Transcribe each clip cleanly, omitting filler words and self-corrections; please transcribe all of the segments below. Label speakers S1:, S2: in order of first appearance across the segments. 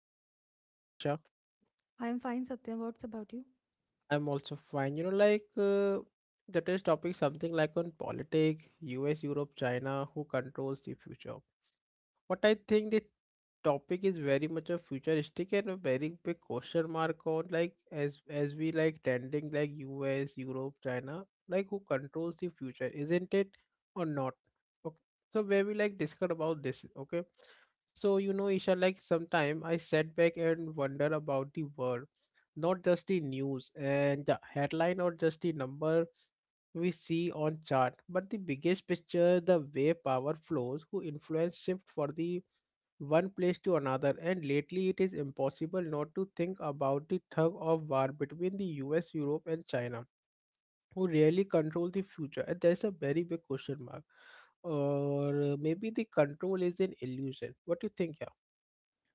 S1: Isha. How are you Isha?
S2: I am fine, Satya. What's about you?
S1: I'm also fine. The today's topic something like on politics, US, Europe, China, who controls the future. But I think the topic is very much a futuristic and a very big question mark on like as we like tending like US, Europe, China, like who controls the future, isn't it or not? Okay. So where we like discuss about this, okay? So you know, Isha, like sometime I sat back and wonder about the world, not just the news and the headline or just the number we see on chart, but the biggest picture, the way power flows, who influence shift for the one place to another, and lately it is impossible not to think about the tug of war between the US, Europe, and China, who really control the future. And there's a very big question mark. Or maybe the control is an illusion. What do you think, yeah?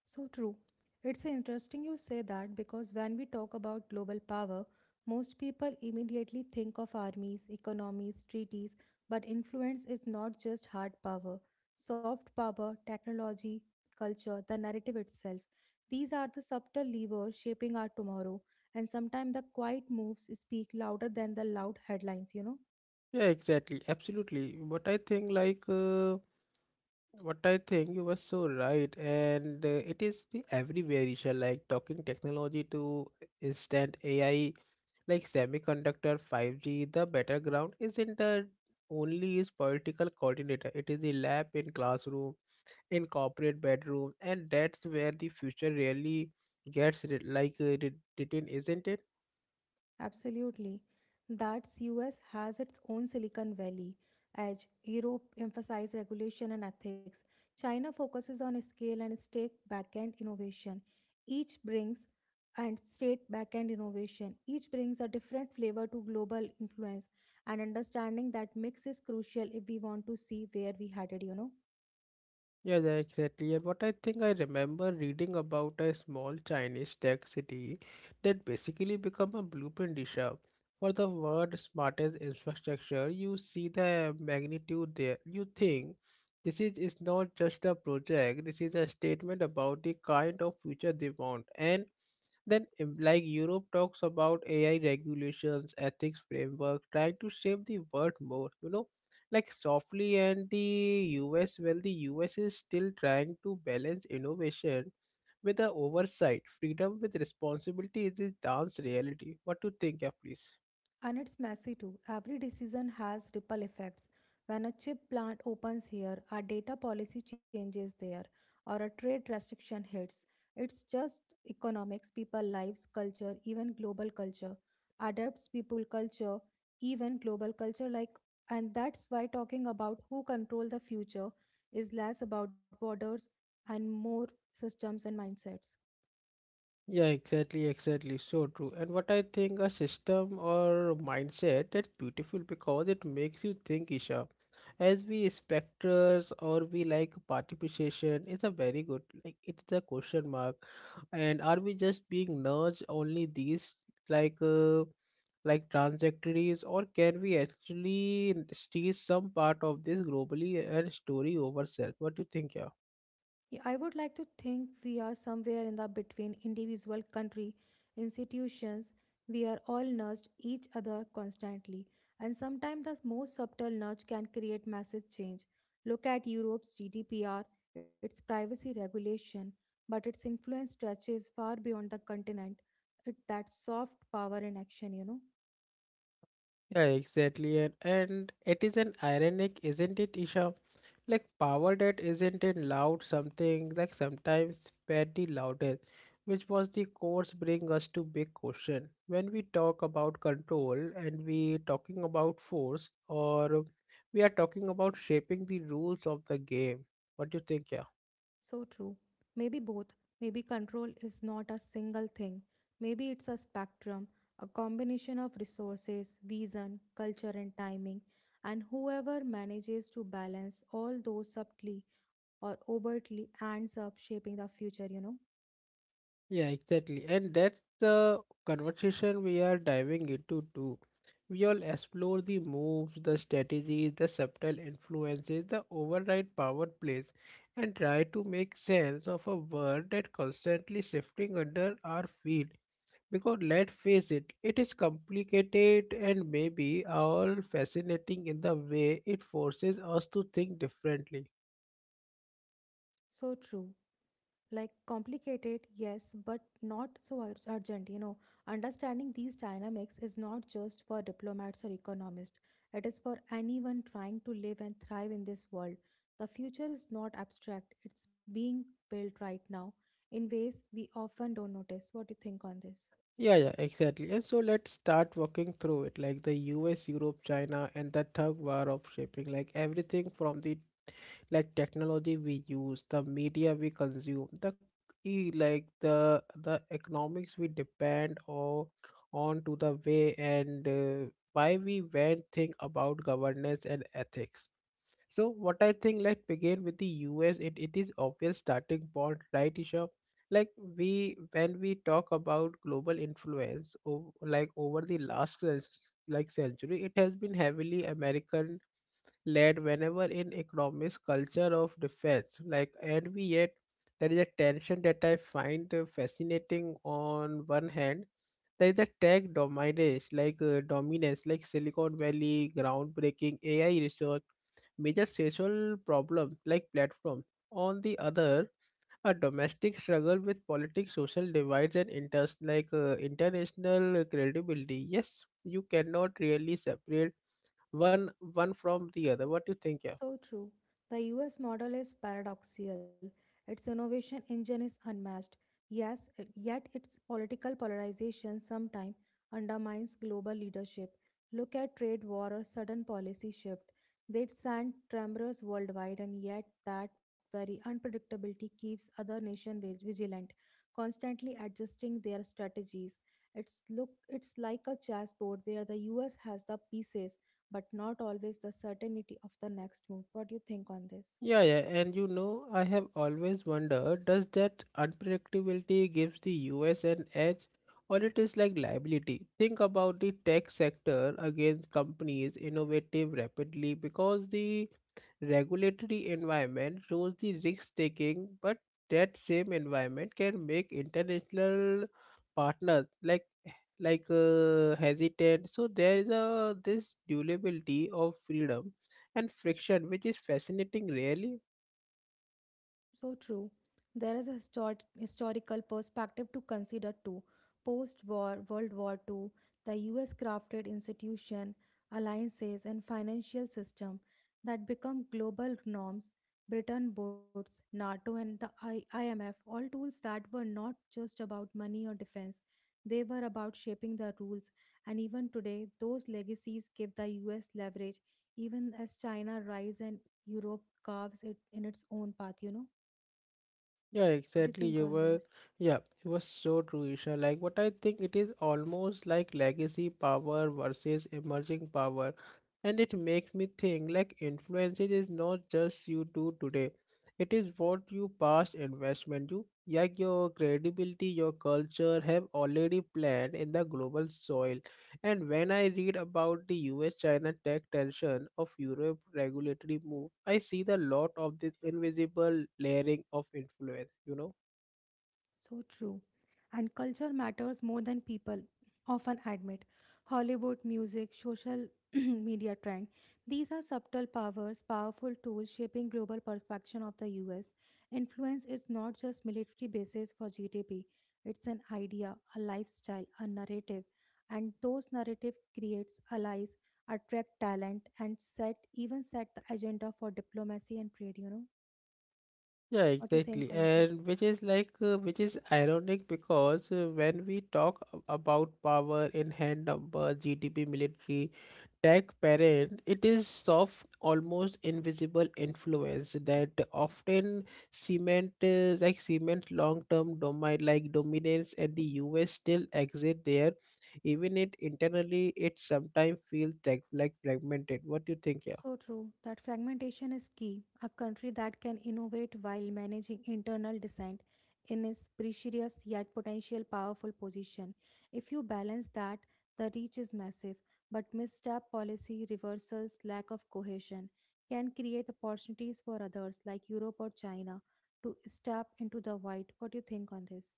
S2: So true. It's interesting you say that because when we talk about global power, most people immediately think of armies, economies, treaties, but influence is not just hard power. Soft power, technology, culture, the narrative itself. These are the subtle levers shaping our tomorrow, and sometimes the quiet moves speak louder than the loud headlines, you know?
S1: Yeah, exactly. Absolutely. What I think, what I think you were so right, and it is the everywhere issue, like talking technology to instant AI like semiconductor 5G, the battleground isn't the only is political coordinator. It is a lab in classroom, in corporate bedroom, and that's where the future really gets re- written, isn't it?
S2: Absolutely. That's US has its own Silicon Valley edge. Europe emphasizes regulation and ethics. China focuses on scale and state backend innovation. Each brings Each brings a different flavor to global influence and understanding that mix is crucial if we want to see where we headed, you know.
S1: Yeah, exactly. And what I think I remember reading about a small Chinese tech city that basically become a blueprint dish for the world's smartest infrastructure. You see the magnitude there. You think is not just a project, this is a statement about the kind of future they want. And then like europe talks about ai regulations ethics framework trying to shape the world more you know like softly and the US well the US is still trying to balance innovation with the oversight freedom with responsibility is the dance reality what to think yeah, please.
S2: And it's messy too. Every decision has ripple effects. When a chip plant opens here, a data policy changes there, or a trade restriction hits. It's just economics, people, lives, culture, even global culture. Adapts people culture, even global culture like And that's why talking about who control the future is less about borders and more systems and mindsets.
S1: Yeah, exactly. So true. And what I think a system or mindset that's beautiful because it makes you think, Isha. As we specters or we like participation is a very good like it's a question mark. And are we just being nudged only these like uh, like trajectories or can we actually steal some part of this globally and story over self? What do you think, yeah?
S2: Yeah, I would like to think we are somewhere in the between individual country institutions. We are all nudged each other constantly, and sometimes the most subtle nudge can create massive change. Look at Europe's GDPR, its privacy regulation, but its influence stretches far beyond the continent. It that soft power in action, you know.
S1: Yeah, exactly. And it is an ironic, isn't it, Isha? Like power that isn't in loud something, like sometimes petty loudest, which was the course bring us to big question. When we talk about control and we talking about force or we are talking about shaping the rules of the game. What do you think, yeah?
S2: So true. Maybe both. Maybe control is not a single thing. Maybe it's a spectrum, a combination of resources, vision, culture, and timing. And whoever manages to balance all those subtly or overtly ends up shaping the future, you know.
S1: Yeah, exactly. And that's the conversation we are diving into too. We all explore the moves, the strategies, the subtle influences, the override power plays, and try to make sense of a world that constantly shifting under our feet. Because let's face it, it is complicated and maybe all fascinating in the way it forces us to think differently.
S2: So true. Like complicated, yes, but not so urgent, you know. Understanding these dynamics is not just for diplomats or economists, it is for anyone trying to live and thrive in this world. The future is not abstract, it's being built right now in ways we often don't notice. What do you think on this?
S1: Yeah, exactly. And so let's start walking through it, like the US, Europe, China, and the thug war of shaping, like everything from the like technology we use, the media we consume, the the economics we depend on to the way and why we went think about governance and ethics. So what I think, let's begin with the US. It is obvious starting point, right, Isha? Like we when we talk about global influence, over the last cen- like century, it has been heavily American led. Whenever in economics, culture of defense, like and we yet there is a tension that I find fascinating. On one hand there's a tech dominance, like Silicon Valley, groundbreaking AI research, major social problem like platform. On the other, a domestic struggle with politics, social divides, and interest international credibility. Yes, you cannot really separate one from the other. What do you think? Yeah?
S2: So true. The US model is paradoxical. Its innovation engine is unmatched. Yes, yet its political polarization sometimes undermines global leadership. Look at trade war or sudden policy shift. They send tremors worldwide, and yet that very unpredictability keeps other nations vigilant, constantly adjusting their strategies. It's like a chessboard where the US has the pieces but not always the certainty of the next move. What do you think on this?
S1: Yeah, and you know, I have always wondered, does that unpredictability gives the US an edge or it is like liability? Think about the tech sector against companies innovative rapidly because the regulatory environment rules the risk taking, but that same environment can make international partners like hesitant. So there is a this durability of freedom and friction, which is fascinating, really.
S2: So true. There is a historical perspective to consider too. Post war, World War Two, the US crafted institution, alliances, and financial system that become global norms. Britain, Woods, NATO, and the IMF, all tools that were not just about money or defense. They were about shaping the rules. And even today, those legacies give the US leverage, even as China rise and Europe carves it in its own path, you know?
S1: Yeah,
S2: What do you
S1: exactly.
S2: think on this?
S1: Yeah, you were so true, Isha. Like, what I think it is almost like legacy power versus emerging power. And it makes me think like influence is not just you do today, it is what you past investment you, like your credibility, your culture have already planned in the global soil. And when I read about the US China tech tension of Europe regulatory move, I see the lot of this invisible layering of influence, you know.
S2: So true. And culture matters more than people often admit. Hollywood, music, social media trend. These are subtle powers, powerful tools shaping global perception of the US. Influence is not just military basis for GDP. It's an idea, a lifestyle, a narrative. And those narrative creates allies, attract talent, and set even set the agenda for diplomacy and trade, you know.
S1: Yeah,
S2: What do you
S1: exactly.
S2: think on this?
S1: And which is like, which is ironic because when we talk about power in hand number, GDP, military, tech, parent, it is soft, almost invisible influence that often cement long-term domain, like dominance, and the US still exist there, even it internally, it sometimes feels like fragmented. What do you think? Yeah.
S2: So true, that fragmentation is key. A country that can innovate while managing internal dissent in its precarious yet potential powerful position. If you balance that, the reach is massive, but misstep policy reversals, lack of cohesion can create opportunities for others like Europe or China to step into the void. What do you think on this?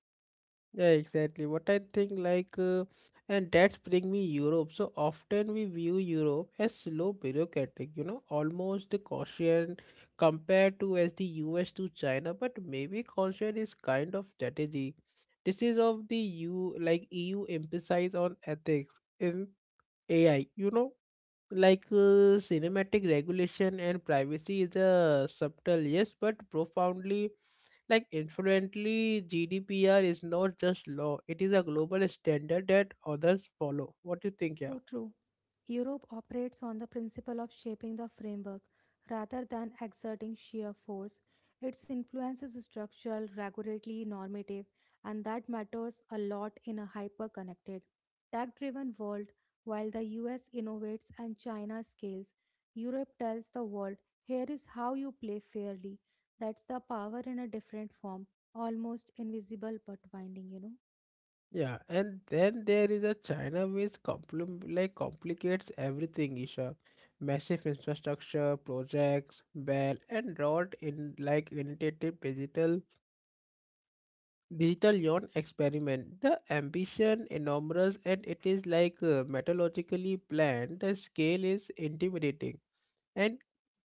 S1: Yeah, exactly. What I think, and that's bring me Europe. So often we view Europe as slow, bureaucratic, you know, almost the caution compared to as the US to China. But maybe caution is kind of strategy. This is of the U like EU emphasize on ethics in AI. You know, cinematic regulation and privacy is a subtle yes, but profoundly like influently, GDPR is not just law; it is a global standard that others follow. What do you think, yeah?
S2: So true. Europe operates on the principle of shaping the framework rather than exerting sheer force. Its influence is structural, regulatory, normative, and that matters a lot in a hyper connected, tech driven world. While the US innovates and China scales, Europe tells the world, here is how you play fairly. That's the power in a different form, almost invisible but winding, you know.
S1: Yeah, and then there is a China which complicates everything, Isha. Massive infrastructure projects, bell and rod in like initiative digital yuan experiment. The ambition enormous and it is methodologically planned. The scale is intimidating. And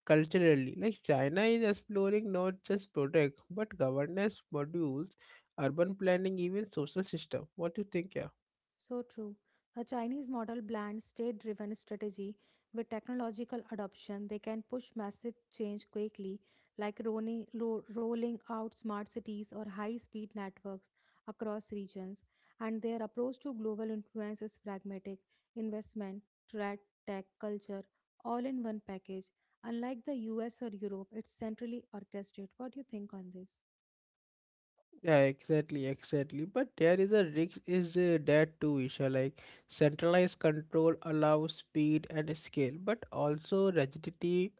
S1: culturally, like China is exploring not just product but governance modules, urban planning, even social system. What do you think? Yeah,
S2: So true. The Chinese model blends state driven strategy with technological adoption. They can push massive change quickly, like rolling out smart cities or high speed networks across regions. And their approach to global influence is pragmatic investment, trade, tech, culture, all in one package. Unlike the US or Europe, it's centrally orchestrated. What do you think on this?
S1: yeah, exactly, exactly. But there is a risk is that too, Isha. Like centralized control allows speed and scale, but also rigidity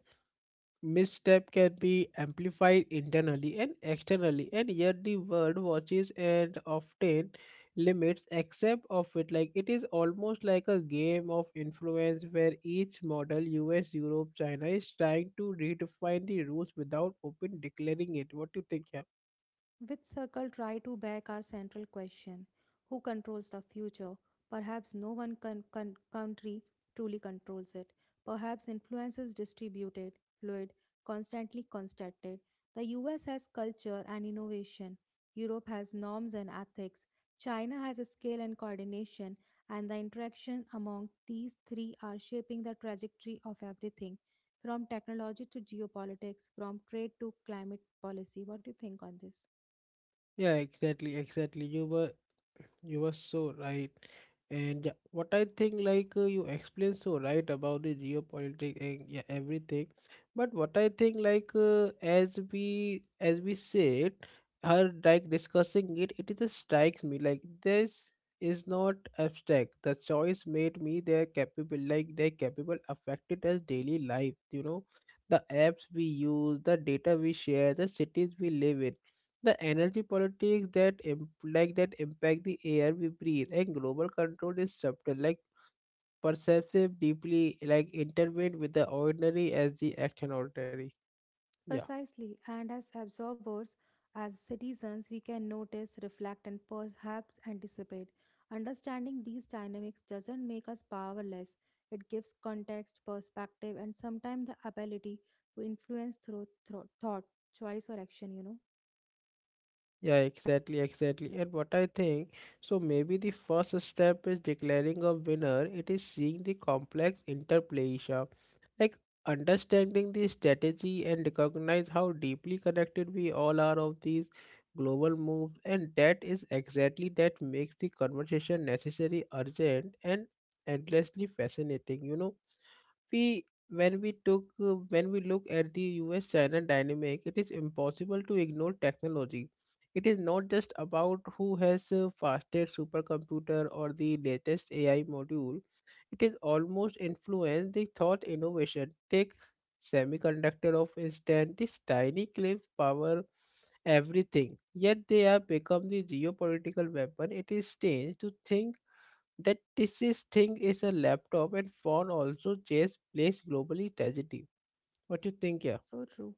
S1: misstep can be amplified internally and externally and yet the world watches and often limits accept of it like it is almost like a game of influence where each model us europe china is trying to redefine the rules without open declaring it what do you think yeah
S2: Which circle try to back our central question, who controls the future? Perhaps no one country truly controls it. Perhaps influence is distributed, fluid, constantly constructed. The US has culture and innovation, Europe has norms and ethics, China has a scale and coordination, and the interaction among these three are shaping the trajectory of everything from technology to geopolitics, from trade to climate policy. What do you think on this?
S1: yeah exactly exactly you were so right. And yeah, what I think, you explained so right about the geopolitics and yeah, everything. But what I think, as we said, her like discussing it, it just strikes me like this is not abstract. The choice made me they're capable, affected us daily life. You know, the apps we use, the data we share, the cities we live in the energy politics that that impact the air we breathe and global control is subtle, like perceptive, deeply like intertwined with the ordinary as the action ordinary. Yeah.
S2: Precisely, and as observers, as citizens, we can notice, reflect, and perhaps anticipate. Understanding these dynamics doesn't make us powerless, it gives context, perspective, and sometimes the ability to influence through thought, choice, or action, you know.
S1: Yeah, exactly, exactly. And what I think, so maybe the first step is declaring a winner. It is seeing the complex interplay, Isha. Like understanding the strategy and recognize how deeply connected we all are of these global moves. And that is exactly that makes the conversation necessary, urgent, and endlessly fascinating, you know. We when we took uh, when we look at the US China dynamic, it is impossible to ignore technology. It is not just about who has fastest supercomputer or the latest AI module. It is almost influenced the thought innovation. Take semiconductor of instant, these tiny clips power everything. Yet they have become the geopolitical weapon. It is strange to think that this is a laptop and phone also just plays globally tragedy. What you think, yeah?
S2: So true.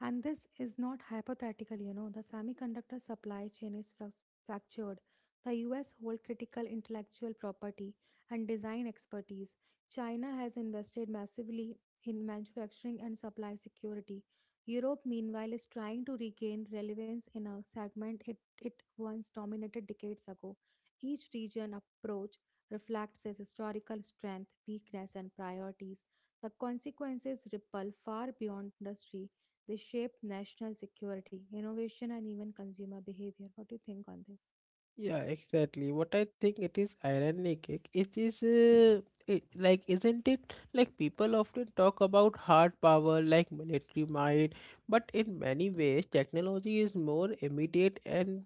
S2: And this is not hypothetical, you know. The semiconductor supply chain is fractured. The US hold critical intellectual property and design expertise. China has invested massively in manufacturing and supply security. Europe, meanwhile, is trying to regain relevance in a segment it once dominated decades ago. Each region approach reflects its historical strength, weakness, and priorities. The consequences ripple far beyond industry, they shape national security, innovation, and even consumer behavior. What do you think on this?
S1: Yeah, exactly. What I think it is ironic. Like isn't it like people often talk about hard power like military might, but in many ways technology is more immediate and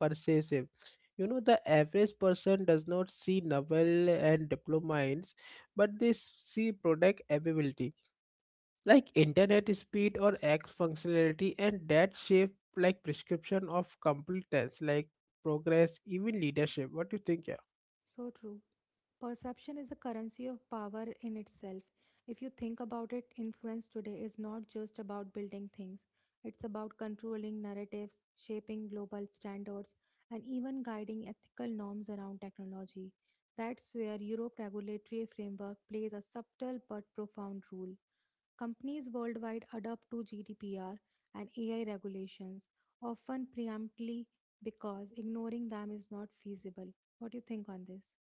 S1: pervasive. You know, the average person does not see novel and diplomines, but they see product availability like internet speed or x functionality and that shape like prescription of competence like progress even leadership what do you think yeah?
S2: So true. Perception is a currency of power in itself. If you think about it, influence today is not just about building things, it's about controlling narratives, shaping global standards, and even guiding ethical norms around technology. That's where Europe regulatory framework plays a subtle but profound role. Companies worldwide adapt to GDPR and AI regulations, often preemptively because ignoring them is not feasible. What do you think on this?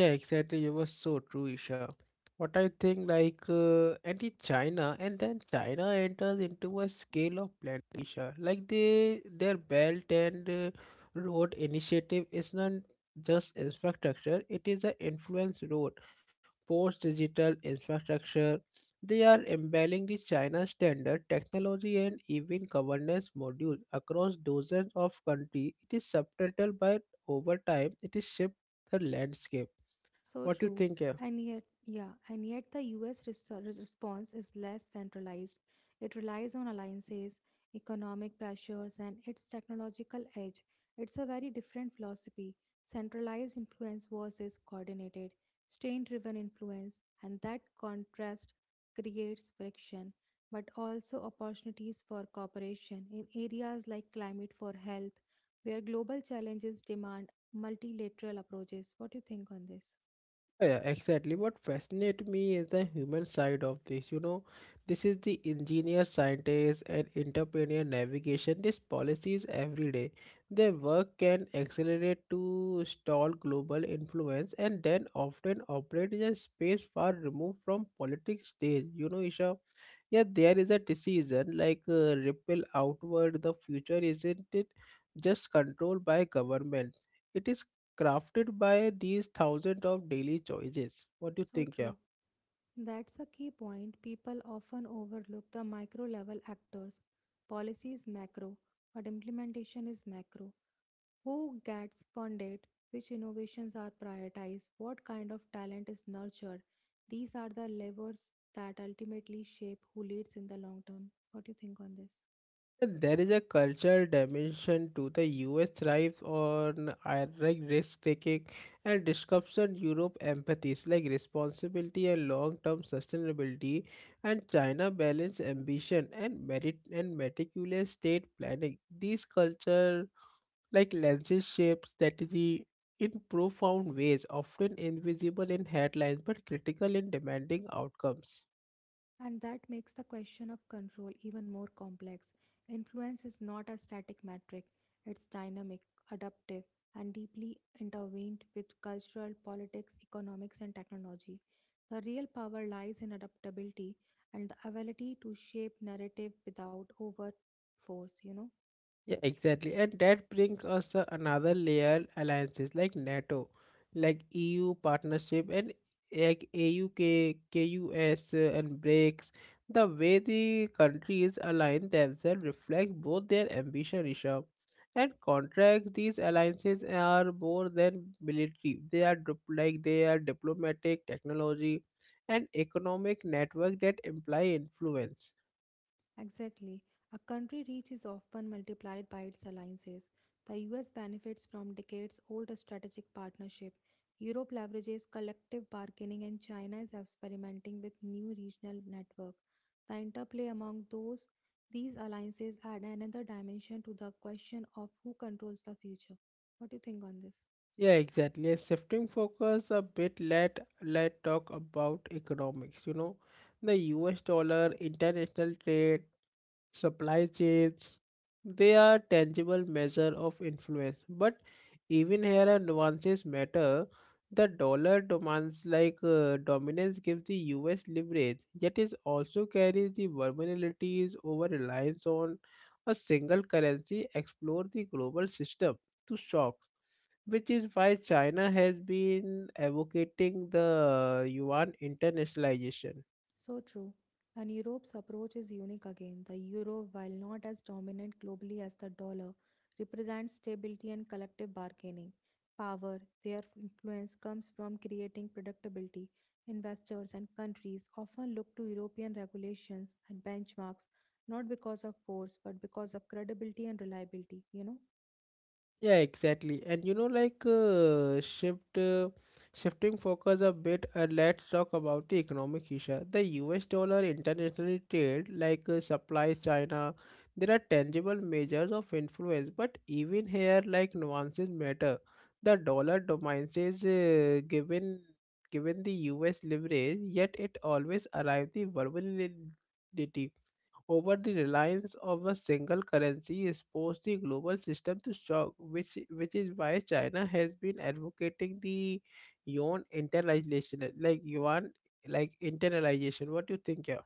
S1: Yeah, exactly. You were so true, Isha. What I think, anti-China, and then China enters into a scale of plan, Isha. Like, their Belt and Road initiative is not just infrastructure, it is an influence road, post digital infrastructure. They are embedding the China standard technology and even governance module across dozens of countries. It is subtitled by over time, it is shaped the landscape.
S2: So
S1: What do you
S2: true.
S1: think? Yeah,
S2: And yet, yeah, and yet the US response is less centralized. It relies on alliances, economic pressures, and its technological edge. It's a very different philosophy, centralized influence versus coordinated, strain driven influence, and that contrast creates friction, but also opportunities for cooperation in areas like climate for health, where global challenges demand multilateral approaches. What do you think on this?
S1: yeah, Exactly. What fascinates me is the human side of this. You know, this is the engineer, scientist, and entrepreneur navigation. These policies every day. Their work can accelerate to stall global influence, and then often operate in a space far removed from politics stage. You know, Isha. Yeah, there is a decision like ripple outward. The future isn't it just controlled by government? It is crafted by these thousands of daily choices. What do you
S2: So
S1: think here?
S2: true. That's a key point. People often overlook the micro level actors. Policy is macro, but implementation is macro. Who gets funded? Which innovations are prioritized? What kind of talent is nurtured? These are the levers that ultimately shape who leads in the long term. What do you think on this?
S1: And there is a cultural dimension to the US thrives on ironic risk taking and disruption. Europe empathies like responsibility and long term sustainability, and China balance ambition and merit and meticulous state planning. These culture like lenses shape strategy in profound ways, often invisible in headlines but critical in demanding outcomes.
S2: And that makes the question of control even more complex. Influence is not a static metric, it's dynamic, adaptive, and deeply intertwined with cultural, politics, economics, and technology. The real power lies in adaptability and the ability to shape narrative without over force, you know.
S1: Yeah, exactly. And that brings us to another layer alliances like NATO, like EU partnership, and like AUK, and BRICS. The way the countries align themselves reflects both their ambition, Rishabh, and contracts. These alliances are more than military. They are diplomatic, technology, and economic network that imply influence.
S2: Exactly. A country reach is often multiplied by its alliances. The US benefits from decades old strategic partnership. Europe leverages collective bargaining and China is experimenting with new regional network. The interplay among those these alliances add another dimension to the question of who controls the future. What do you think on this?
S1: Yeah, exactly. Shifting focus a bit, let talk about economics. You know, the U.S. dollar, international trade, supply chains, they are tangible measure of influence. But even here, are nuances matter. The dollar demands like dominance gives the U.S. leverage, yet it also carries the vulnerabilities over reliance on a single currency. Explore the global system to shock, which is why China has been advocating the yuan internationalization.
S2: So true. And Europe's approach is unique again. The euro, while not as dominant globally as the dollar, represents stability and collective bargaining power. Their influence comes from creating predictability. Investors and countries often look to European regulations and benchmarks, not because of force but because of credibility and reliability, you know.
S1: Yeah, exactly. And you know, like shifting focus a bit. Let's talk about the economic issue. The U.S. dollar internationally trade, like supplies China, there are tangible measures of influence. But even here, like nuances matter. The dollar dominates given the U.S. leverage, yet it always arrives the vulnerability over the reliance of a single currency exposed the global system to shock, which is why China has been advocating the yuan internalization, like yuan, like internalization. What do you think, yeah?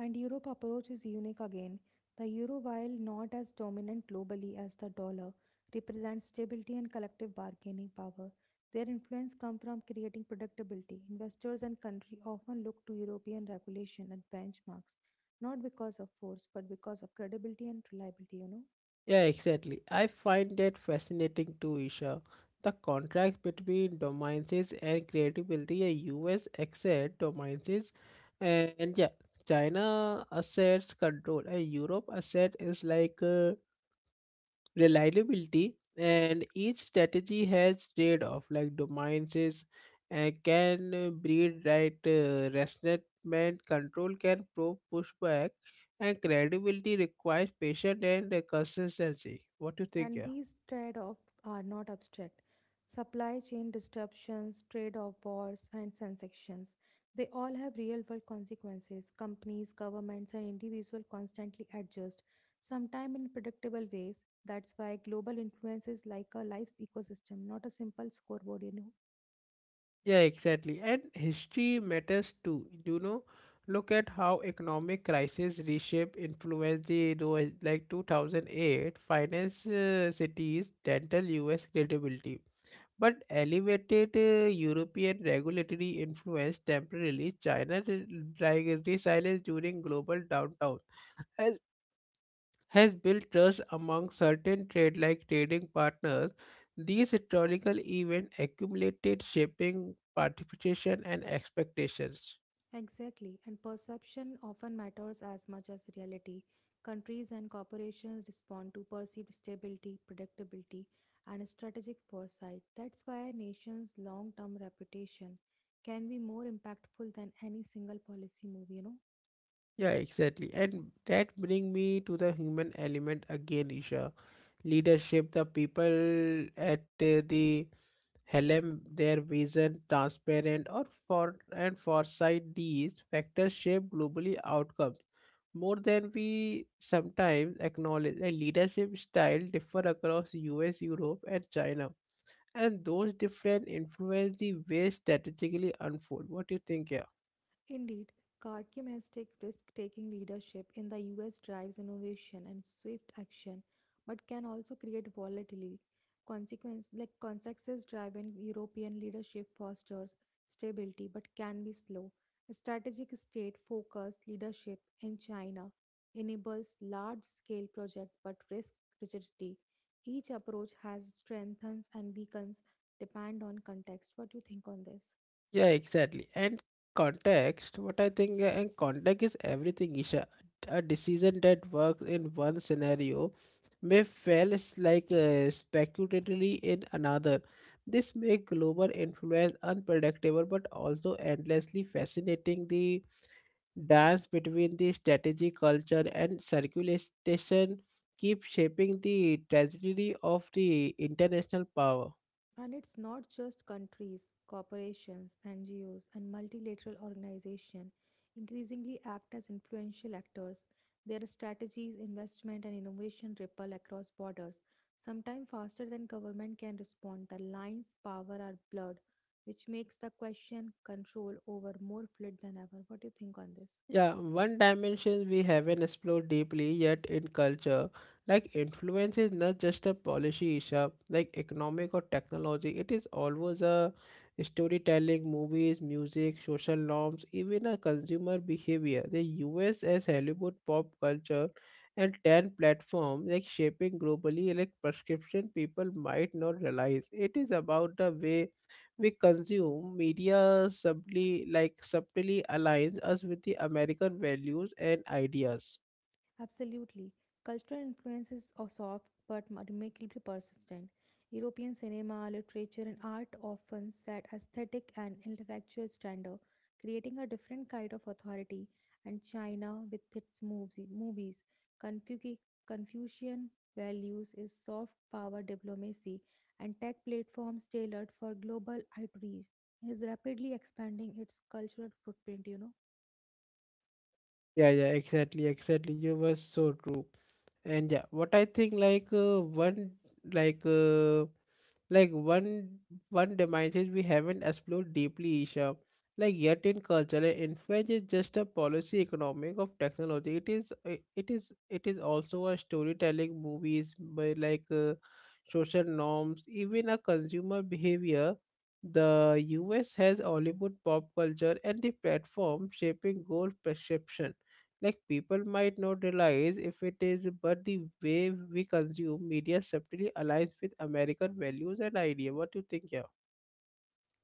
S2: And Europe approach is unique again. The euro, while not as dominant globally as the dollar, represents stability and collective bargaining power. Their influence comes from creating predictability. Investors and country often look to European regulation and benchmarks, not because of force, but because of credibility and reliability, you know.
S1: Yeah, exactly. I find that fascinating too, Isha. The contrast between dominances and creativity. A US asset dominances, and yeah, China assets control, and Europe asset is like. Reliability and each strategy has trade-off like dominances can breed right resentment control can probe pushback and credibility requires patience and consistency. What do you think,
S2: And
S1: yeah?
S2: these trade offs are not abstract. Supply chain disruptions, trade off wars, and sanctions. They all have real world consequences. Companies, governments, and individuals constantly adjust, sometimes in predictable ways. That's why global influence is like a life's ecosystem, not a simple scoreboard, you know.
S1: Yeah, exactly. And history matters too. You know, look at how economic crisis reshape influence like 2008 finance cities dental US credibility. But elevated European regulatory influence temporarily China resilience during global downturn has built trust among certain trade like trading partners. These historical events accumulated shaping participation and expectations.
S2: Exactly, and perception often matters as much as reality. Countries and corporations respond to perceived stability, predictability, and strategic foresight. That's why a nation's long term reputation can be more impactful than any single policy move, you know.
S1: Yeah, exactly. And that bring me to the human element again, Isha. Leadership, the people at the Helm, their vision, transparent or for and foresight, these factors shape globally outcomes more than we sometimes acknowledge, and leadership style differ across US, Europe, and China. And those different influence the way strategically unfold. What do you think, yeah?
S2: Indeed, Karkim risk taking leadership in the US drives innovation and swift action, but can also create volatility. Consequence like consensus driven European leadership fosters stability but can be slow. Strategic state focused leadership in China enables large scale projects but risk rigidity. Each approach has strengths and weakens depend on context. What do you think on this?
S1: Yeah, exactly. And context, what I think, and context is everything, Isha. A decision that works in one scenario may fail speculatively in another. This makes global influence unpredictable but also endlessly fascinating. The dance between the strategy, culture, and circulation keep shaping the trajectory of the international power.
S2: And it's not just countries, corporations, NGOs, and multilateral organizations increasingly act as influential actors. Their strategies, investment, and innovation ripple across borders, sometimes faster than government can respond. The lines power are blurred, which makes the question control over more fluid than ever. What do you think on this?
S1: Yeah, one dimension we haven't explored deeply yet in culture, like influence is not just a policy issue, like economic or technology. It is always a storytelling, movies, music, social norms, even a consumer behavior. The US as Hollywood pop culture and 10 platform like shaping globally like prescription people might not realize. It is about the way we consume media subtly aligns us with the American values and ideas.
S2: Absolutely. Cultural influences are soft but remarkably persistent. European cinema, literature, and art often set aesthetic and intellectual standard, creating a different kind of authority. And China, with its movies, Confuci- Confucian values is soft power diplomacy, and tech platforms tailored for global outreach is rapidly expanding its cultural footprint.
S1: Yeah, exactly. You were so true. And yeah, what I think like one like uh, like one one dimension we haven't explored deeply, isha, yet in cultural influence is just a policy economic of technology, it is I- it is also a storytelling movies by like social norms, even a consumer behavior. The us has hollywood pop culture and the platform shaping goal perception, like people might not realize if it is, but the way we consume media subtly aligns with american values and idea. What do you think, yeah?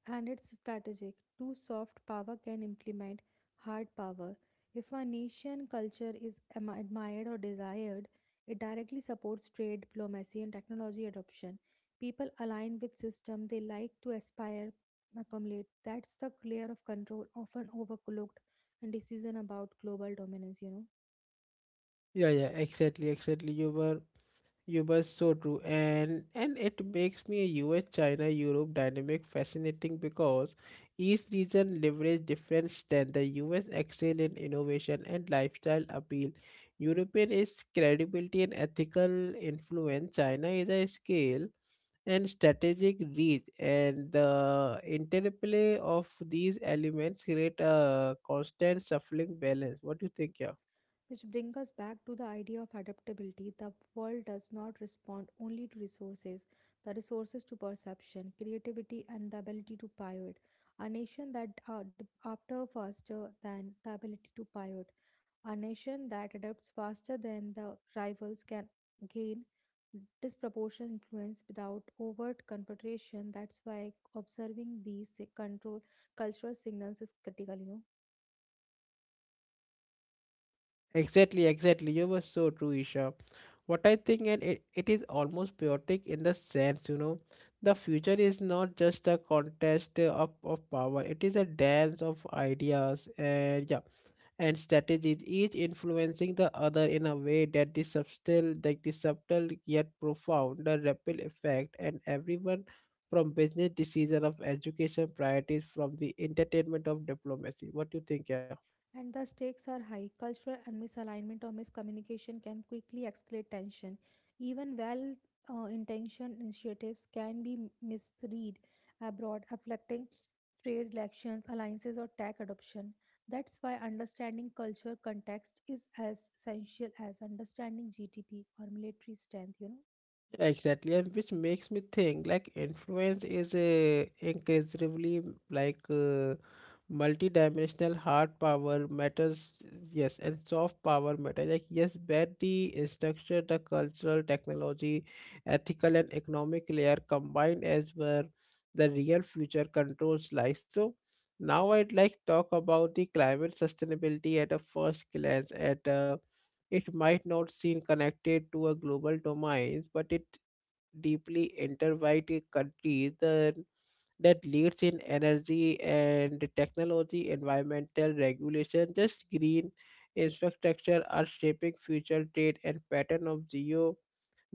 S2: And it's strategic. Too soft power can implement hard power. If a nation culture is admired or desired, it directly supports trade, diplomacy, and technology adoption. People align with system they like to aspire, accumulate. That's the layer of control often overlooked in decision about global dominance.
S1: Yeah, exactly. You must so true, and it makes me a US China Europe dynamic fascinating because each region leverage different strength. The US excel in innovation and lifestyle appeal. European is credibility and ethical influence. China is a scale and strategic reach, and the interplay of these elements create a constant shuffling balance. What do you think, yeah?
S2: Which brings us back to the idea of adaptability. The world does not respond only to resources, the resources to perception, creativity, and the ability to pivot. A nation that ad- after faster than the ability to pivot, A nation that adapts faster than the rivals can gain disproportionate influence without overt confrontation. That's why observing these si- control cultural signals is critical. You know.
S1: Exactly. You were so true, Isha. What I think, and it is almost poetic in the sense, you know, the future is not just a contest of power, it is a dance of ideas, and yeah, and strategies, each influencing the other in a way that the subtle, like the subtle yet profound, the ripple effect, and everyone from business decision of education priorities from the entertainment of diplomacy. What do you think, yeah?
S2: And the stakes are high. Cultural and misalignment or miscommunication can quickly escalate tension. Even well intentioned initiatives can be misread abroad, affecting trade relations, alliances, or tech adoption. That's why understanding culture context is as essential as understanding GDP or military strength, you know?
S1: Exactly, and which makes me think like influence is a increasingly like multi-dimensional hard power matters, yes, and soft power matter. Like yes, where the structure, the cultural, technology, ethical, and economic layer combined as where the real future controls life. So now I'd like talk about the climate sustainability at a first glance at. It might not seem connected to a global domain, but it deeply intertwined countries that leads in energy and technology, environmental regulation, just green infrastructure are shaping future trade and pattern of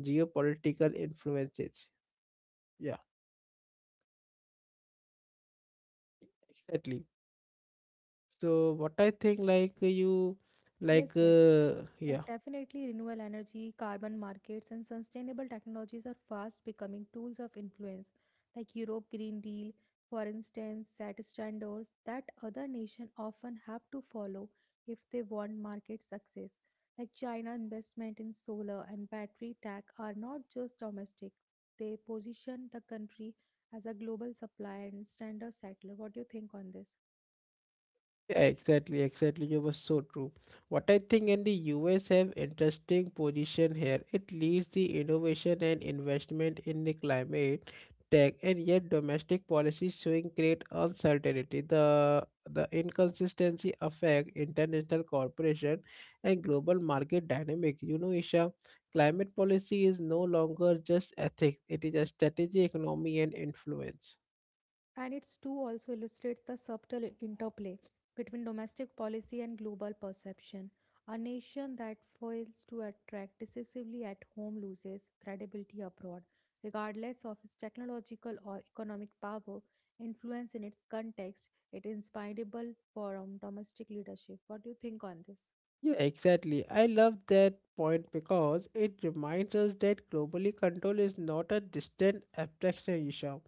S1: geopolitical influences. Yeah, exactly. So what I think like you like
S2: Yes, yes. Like
S1: yeah.
S2: definitely renewable energy, carbon markets and sustainable technologies are fast becoming tools of influence. Like Europe Green Deal, for instance, set standards that other nations often have to follow if they want market success. Like China investment in solar and battery tech are not just domestic. They position the country as a global supplier and standard settler. What do you think on this?
S1: Yeah, exactly. You were so true. What I think in the US have interesting position here. It leads the innovation and investment in the climate tech, and yet domestic policies showing great uncertainty. The inconsistency affect international cooperation and global market dynamic. You know, Isha, climate policy is no longer just ethics; it is a strategy, economy, and influence.
S2: And its too also illustrates the subtle interplay between domestic policy and global perception. A nation that fails to attract decisively at home loses credibility abroad, regardless of its technological or economic power, influence in its context, it is inspirable for domestic leadership. What do you think on this?
S1: Yeah, exactly. I love that point because it reminds us that globally control is not a distant abstraction issue.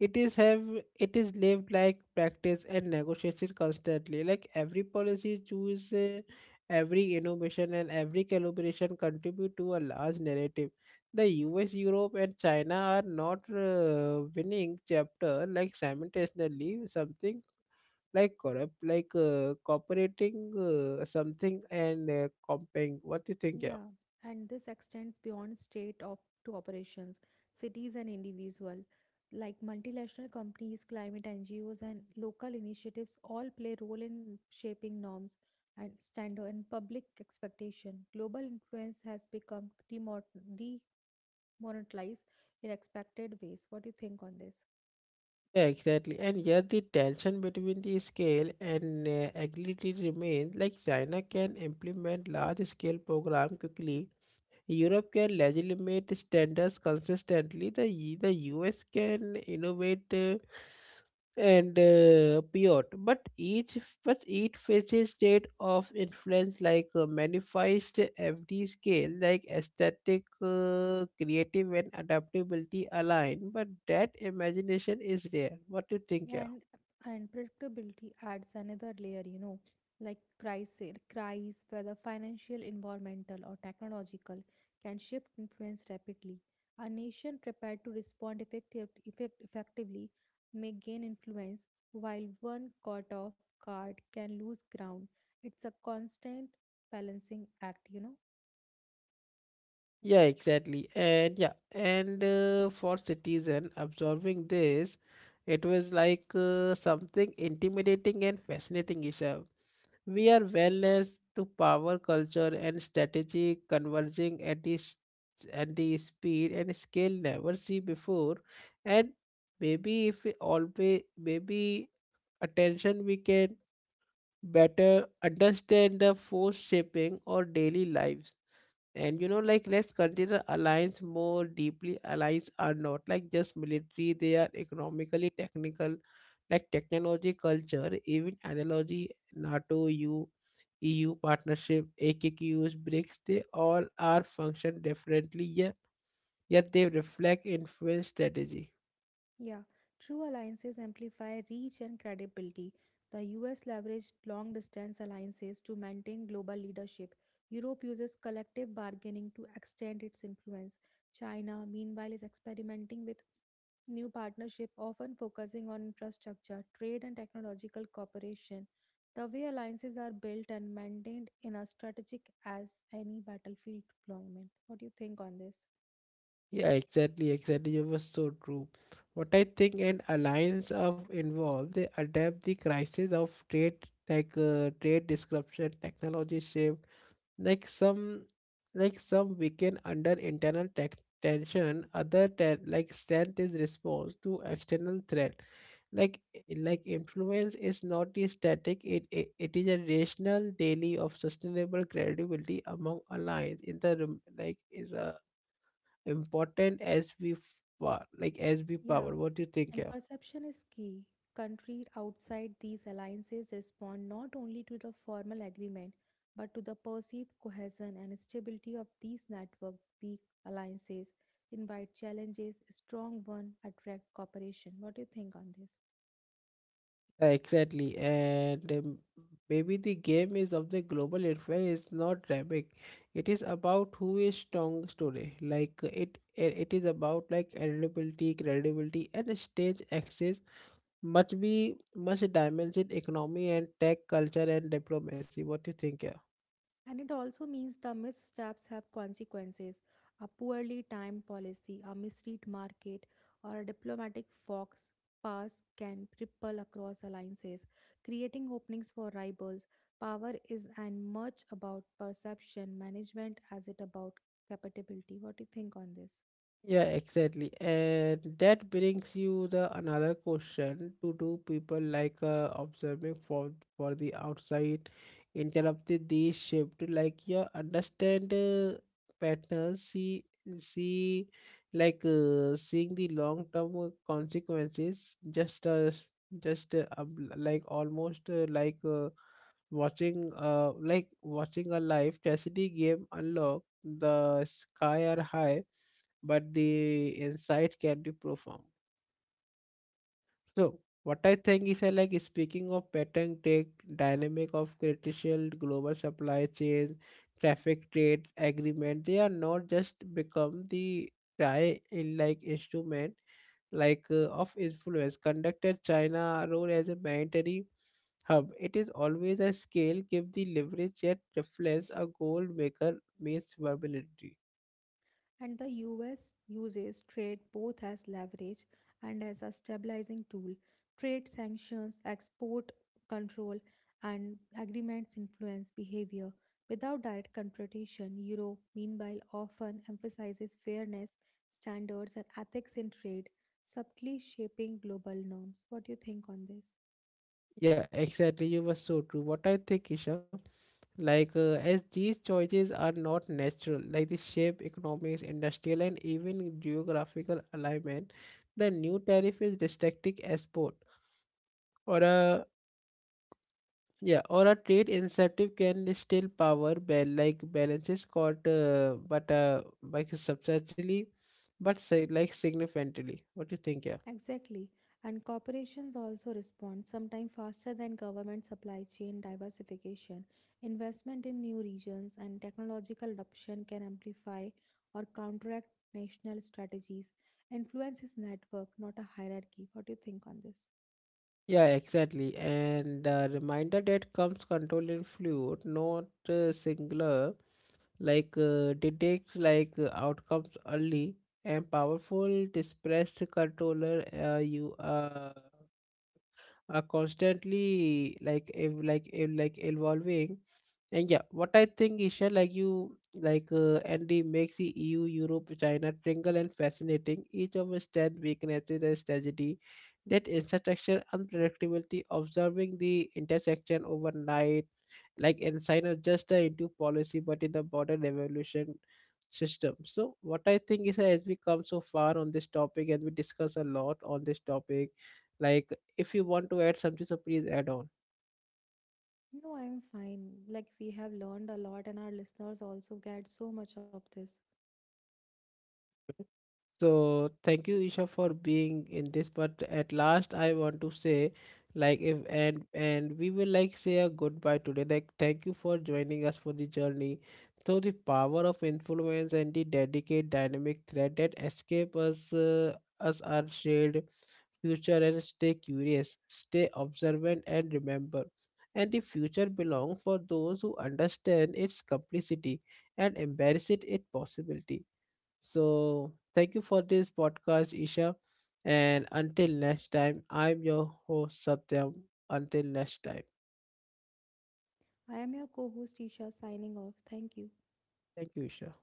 S1: It is have it is lived like practice and negotiation constantly. Like every policy choose, every innovation and every calibration contribute to a large narrative. The US, Europe, and China are not winning chapter like simultaneously something like corrupt like cooperating something and comping. What do you think, yeah?
S2: Yeah, and this extends beyond state op to operations, cities and individual. Like multinational companies, climate NGOs, and local initiatives all play role in shaping norms and standard and public expectation. Global influence has become demonetized in expected ways. What do you think on this?
S1: Yeah, exactly, and yet the tension between the scale and agility remains. Like china can implement large scale program quickly, europe can legitimate standards consistently, the us can innovate and beyond. But each faces state of influence like magnifies to every scale, like aesthetic, creative, and adaptability align. But that imagination is rare. What do you think? Yeah.
S2: And unpredictability adds another layer, you know, like crises, whether financial, environmental, or technological, can shift influence rapidly. A nation prepared to respond effectively may gain influence, while one caught off guard can lose ground. It's a constant balancing act, you know.
S1: Yeah, exactly. And yeah, and for citizen observing this, it was like something intimidating and fascinating, Isha. We are wellness to power culture and strategy converging at at the speed and scale never see before. And maybe if we always, maybe attention we can better understand the force shaping our daily lives. And you know, like let's consider alliance more deeply. Alliance are not like just military, they are economically technical like technology culture even analogy. NATO, EU partnership, aqqs, BRICS, they all are function differently, yet they reflect influence strategy.
S2: Yeah, true alliances amplify reach and credibility. The US leveraged long distance alliances to maintain global leadership. Europe uses collective bargaining to extend its influence. China, meanwhile, is experimenting with new partnership often focusing on infrastructure trade and technological cooperation. The way alliances are built and maintained in a strategic as any battlefield deployment. What do you think on this?
S1: Yeah, exactly. You were so true. What I think an alliance of involved, they adapt the crisis of trade, like trade disruption, technology shift, like some, like some weaken under internal tech tension. Other strength is response to external threat. Like like influence is not the static. It is a rational daily of sustainable credibility among alliance in the rem- like is a important as we
S2: Yeah,
S1: power. What do you think,
S2: and
S1: yeah?
S2: perception is key. Countries outside these alliances respond not only to the formal agreement but to the perceived cohesion and stability of these network. Weak alliances invite challenges, strong ones attract cooperation. What do you think on this?
S1: Yeah, exactly, and maybe the game is of the global influence is not dynamic, it is about who is strong today like it is about like credibility and stage access must be much dimension economy and tech culture and diplomacy. What do you think, yeah?
S2: And it also means the missteps have consequences. A poorly timed policy, a misread market, or a diplomatic fox pass can ripple across alliances, creating openings for rivals. Power is and much about perception management as it about capability. What do you think on this?
S1: Yeah, exactly. And that brings you the another question to do people like observing for the outside interrupted the shift like you understand patterns see see like seeing the long term consequences just like almost watching watching a live chastity game unlock, the sky are high but the insight can be profound. So what I think is like speaking of pattern take dynamic of critical global supply chain, traffic trade agreement, they are not just become the try in like instrument like of influence conducted China role as a mandatory hub. It is always a scale give the leverage yet reflects a gold maker means versatility.
S2: And the US uses trade both as leverage and as a stabilizing tool. Trade sanctions, export control, and agreements influence behavior. Without direct confrontation, Europe, meanwhile, often emphasizes fairness, standards, and ethics in trade, subtly shaping global norms. What do you think on this?
S1: Yeah, exactly. You were so true. What I think, Isha. Like, as these choices are not natural, like the shape, economics, industrial, and even geographical alignment, the new tariff is restricting export or a yeah or a trade incentive can still power balances caught but substantially but say, like significantly. What do you think? Yeah.
S2: Exactly. And corporations also respond, sometimes faster than government supply chain diversification. Investment in new regions and technological adoption can amplify or counteract national strategies. Influence is network, not a hierarchy. What do you think on this?
S1: Yeah, exactly. And the reminder that comes control in fluid, not singular, like detect like outcomes early and powerful dispersed controller you are constantly like evolving. And yeah, what I think, Isha, like you, like Andy makes the EU, Europe, China tingle and fascinating. Each of its 10 weaknesses and strategy, that intersection unpredictability, observing the intersection overnight, like inside of just the into policy, but in the broader evolution system. So what I think is as we come so far on this topic and we discuss a lot on this topic, like if you want to add something, so please add on.
S2: No, I'm fine. Like, we have learned a lot, and our listeners also get so much of this.
S1: So thank you, Isha, for being in this. But at last, I want to say, like, if and we will like say a goodbye today. Like, thank you for joining us for the journey through the power of influence and the delicate dynamic thread that escape us, us our shared future. And stay curious, stay observant, and remember. And the future belongs for those who understand its complexity and embrace it, its possibility. So, thank you for this podcast, Isha. And until next time, I'm your host, Satyam. Until next time,
S2: I am your co host, Isha, signing off. Thank you.
S1: thank you, Isha.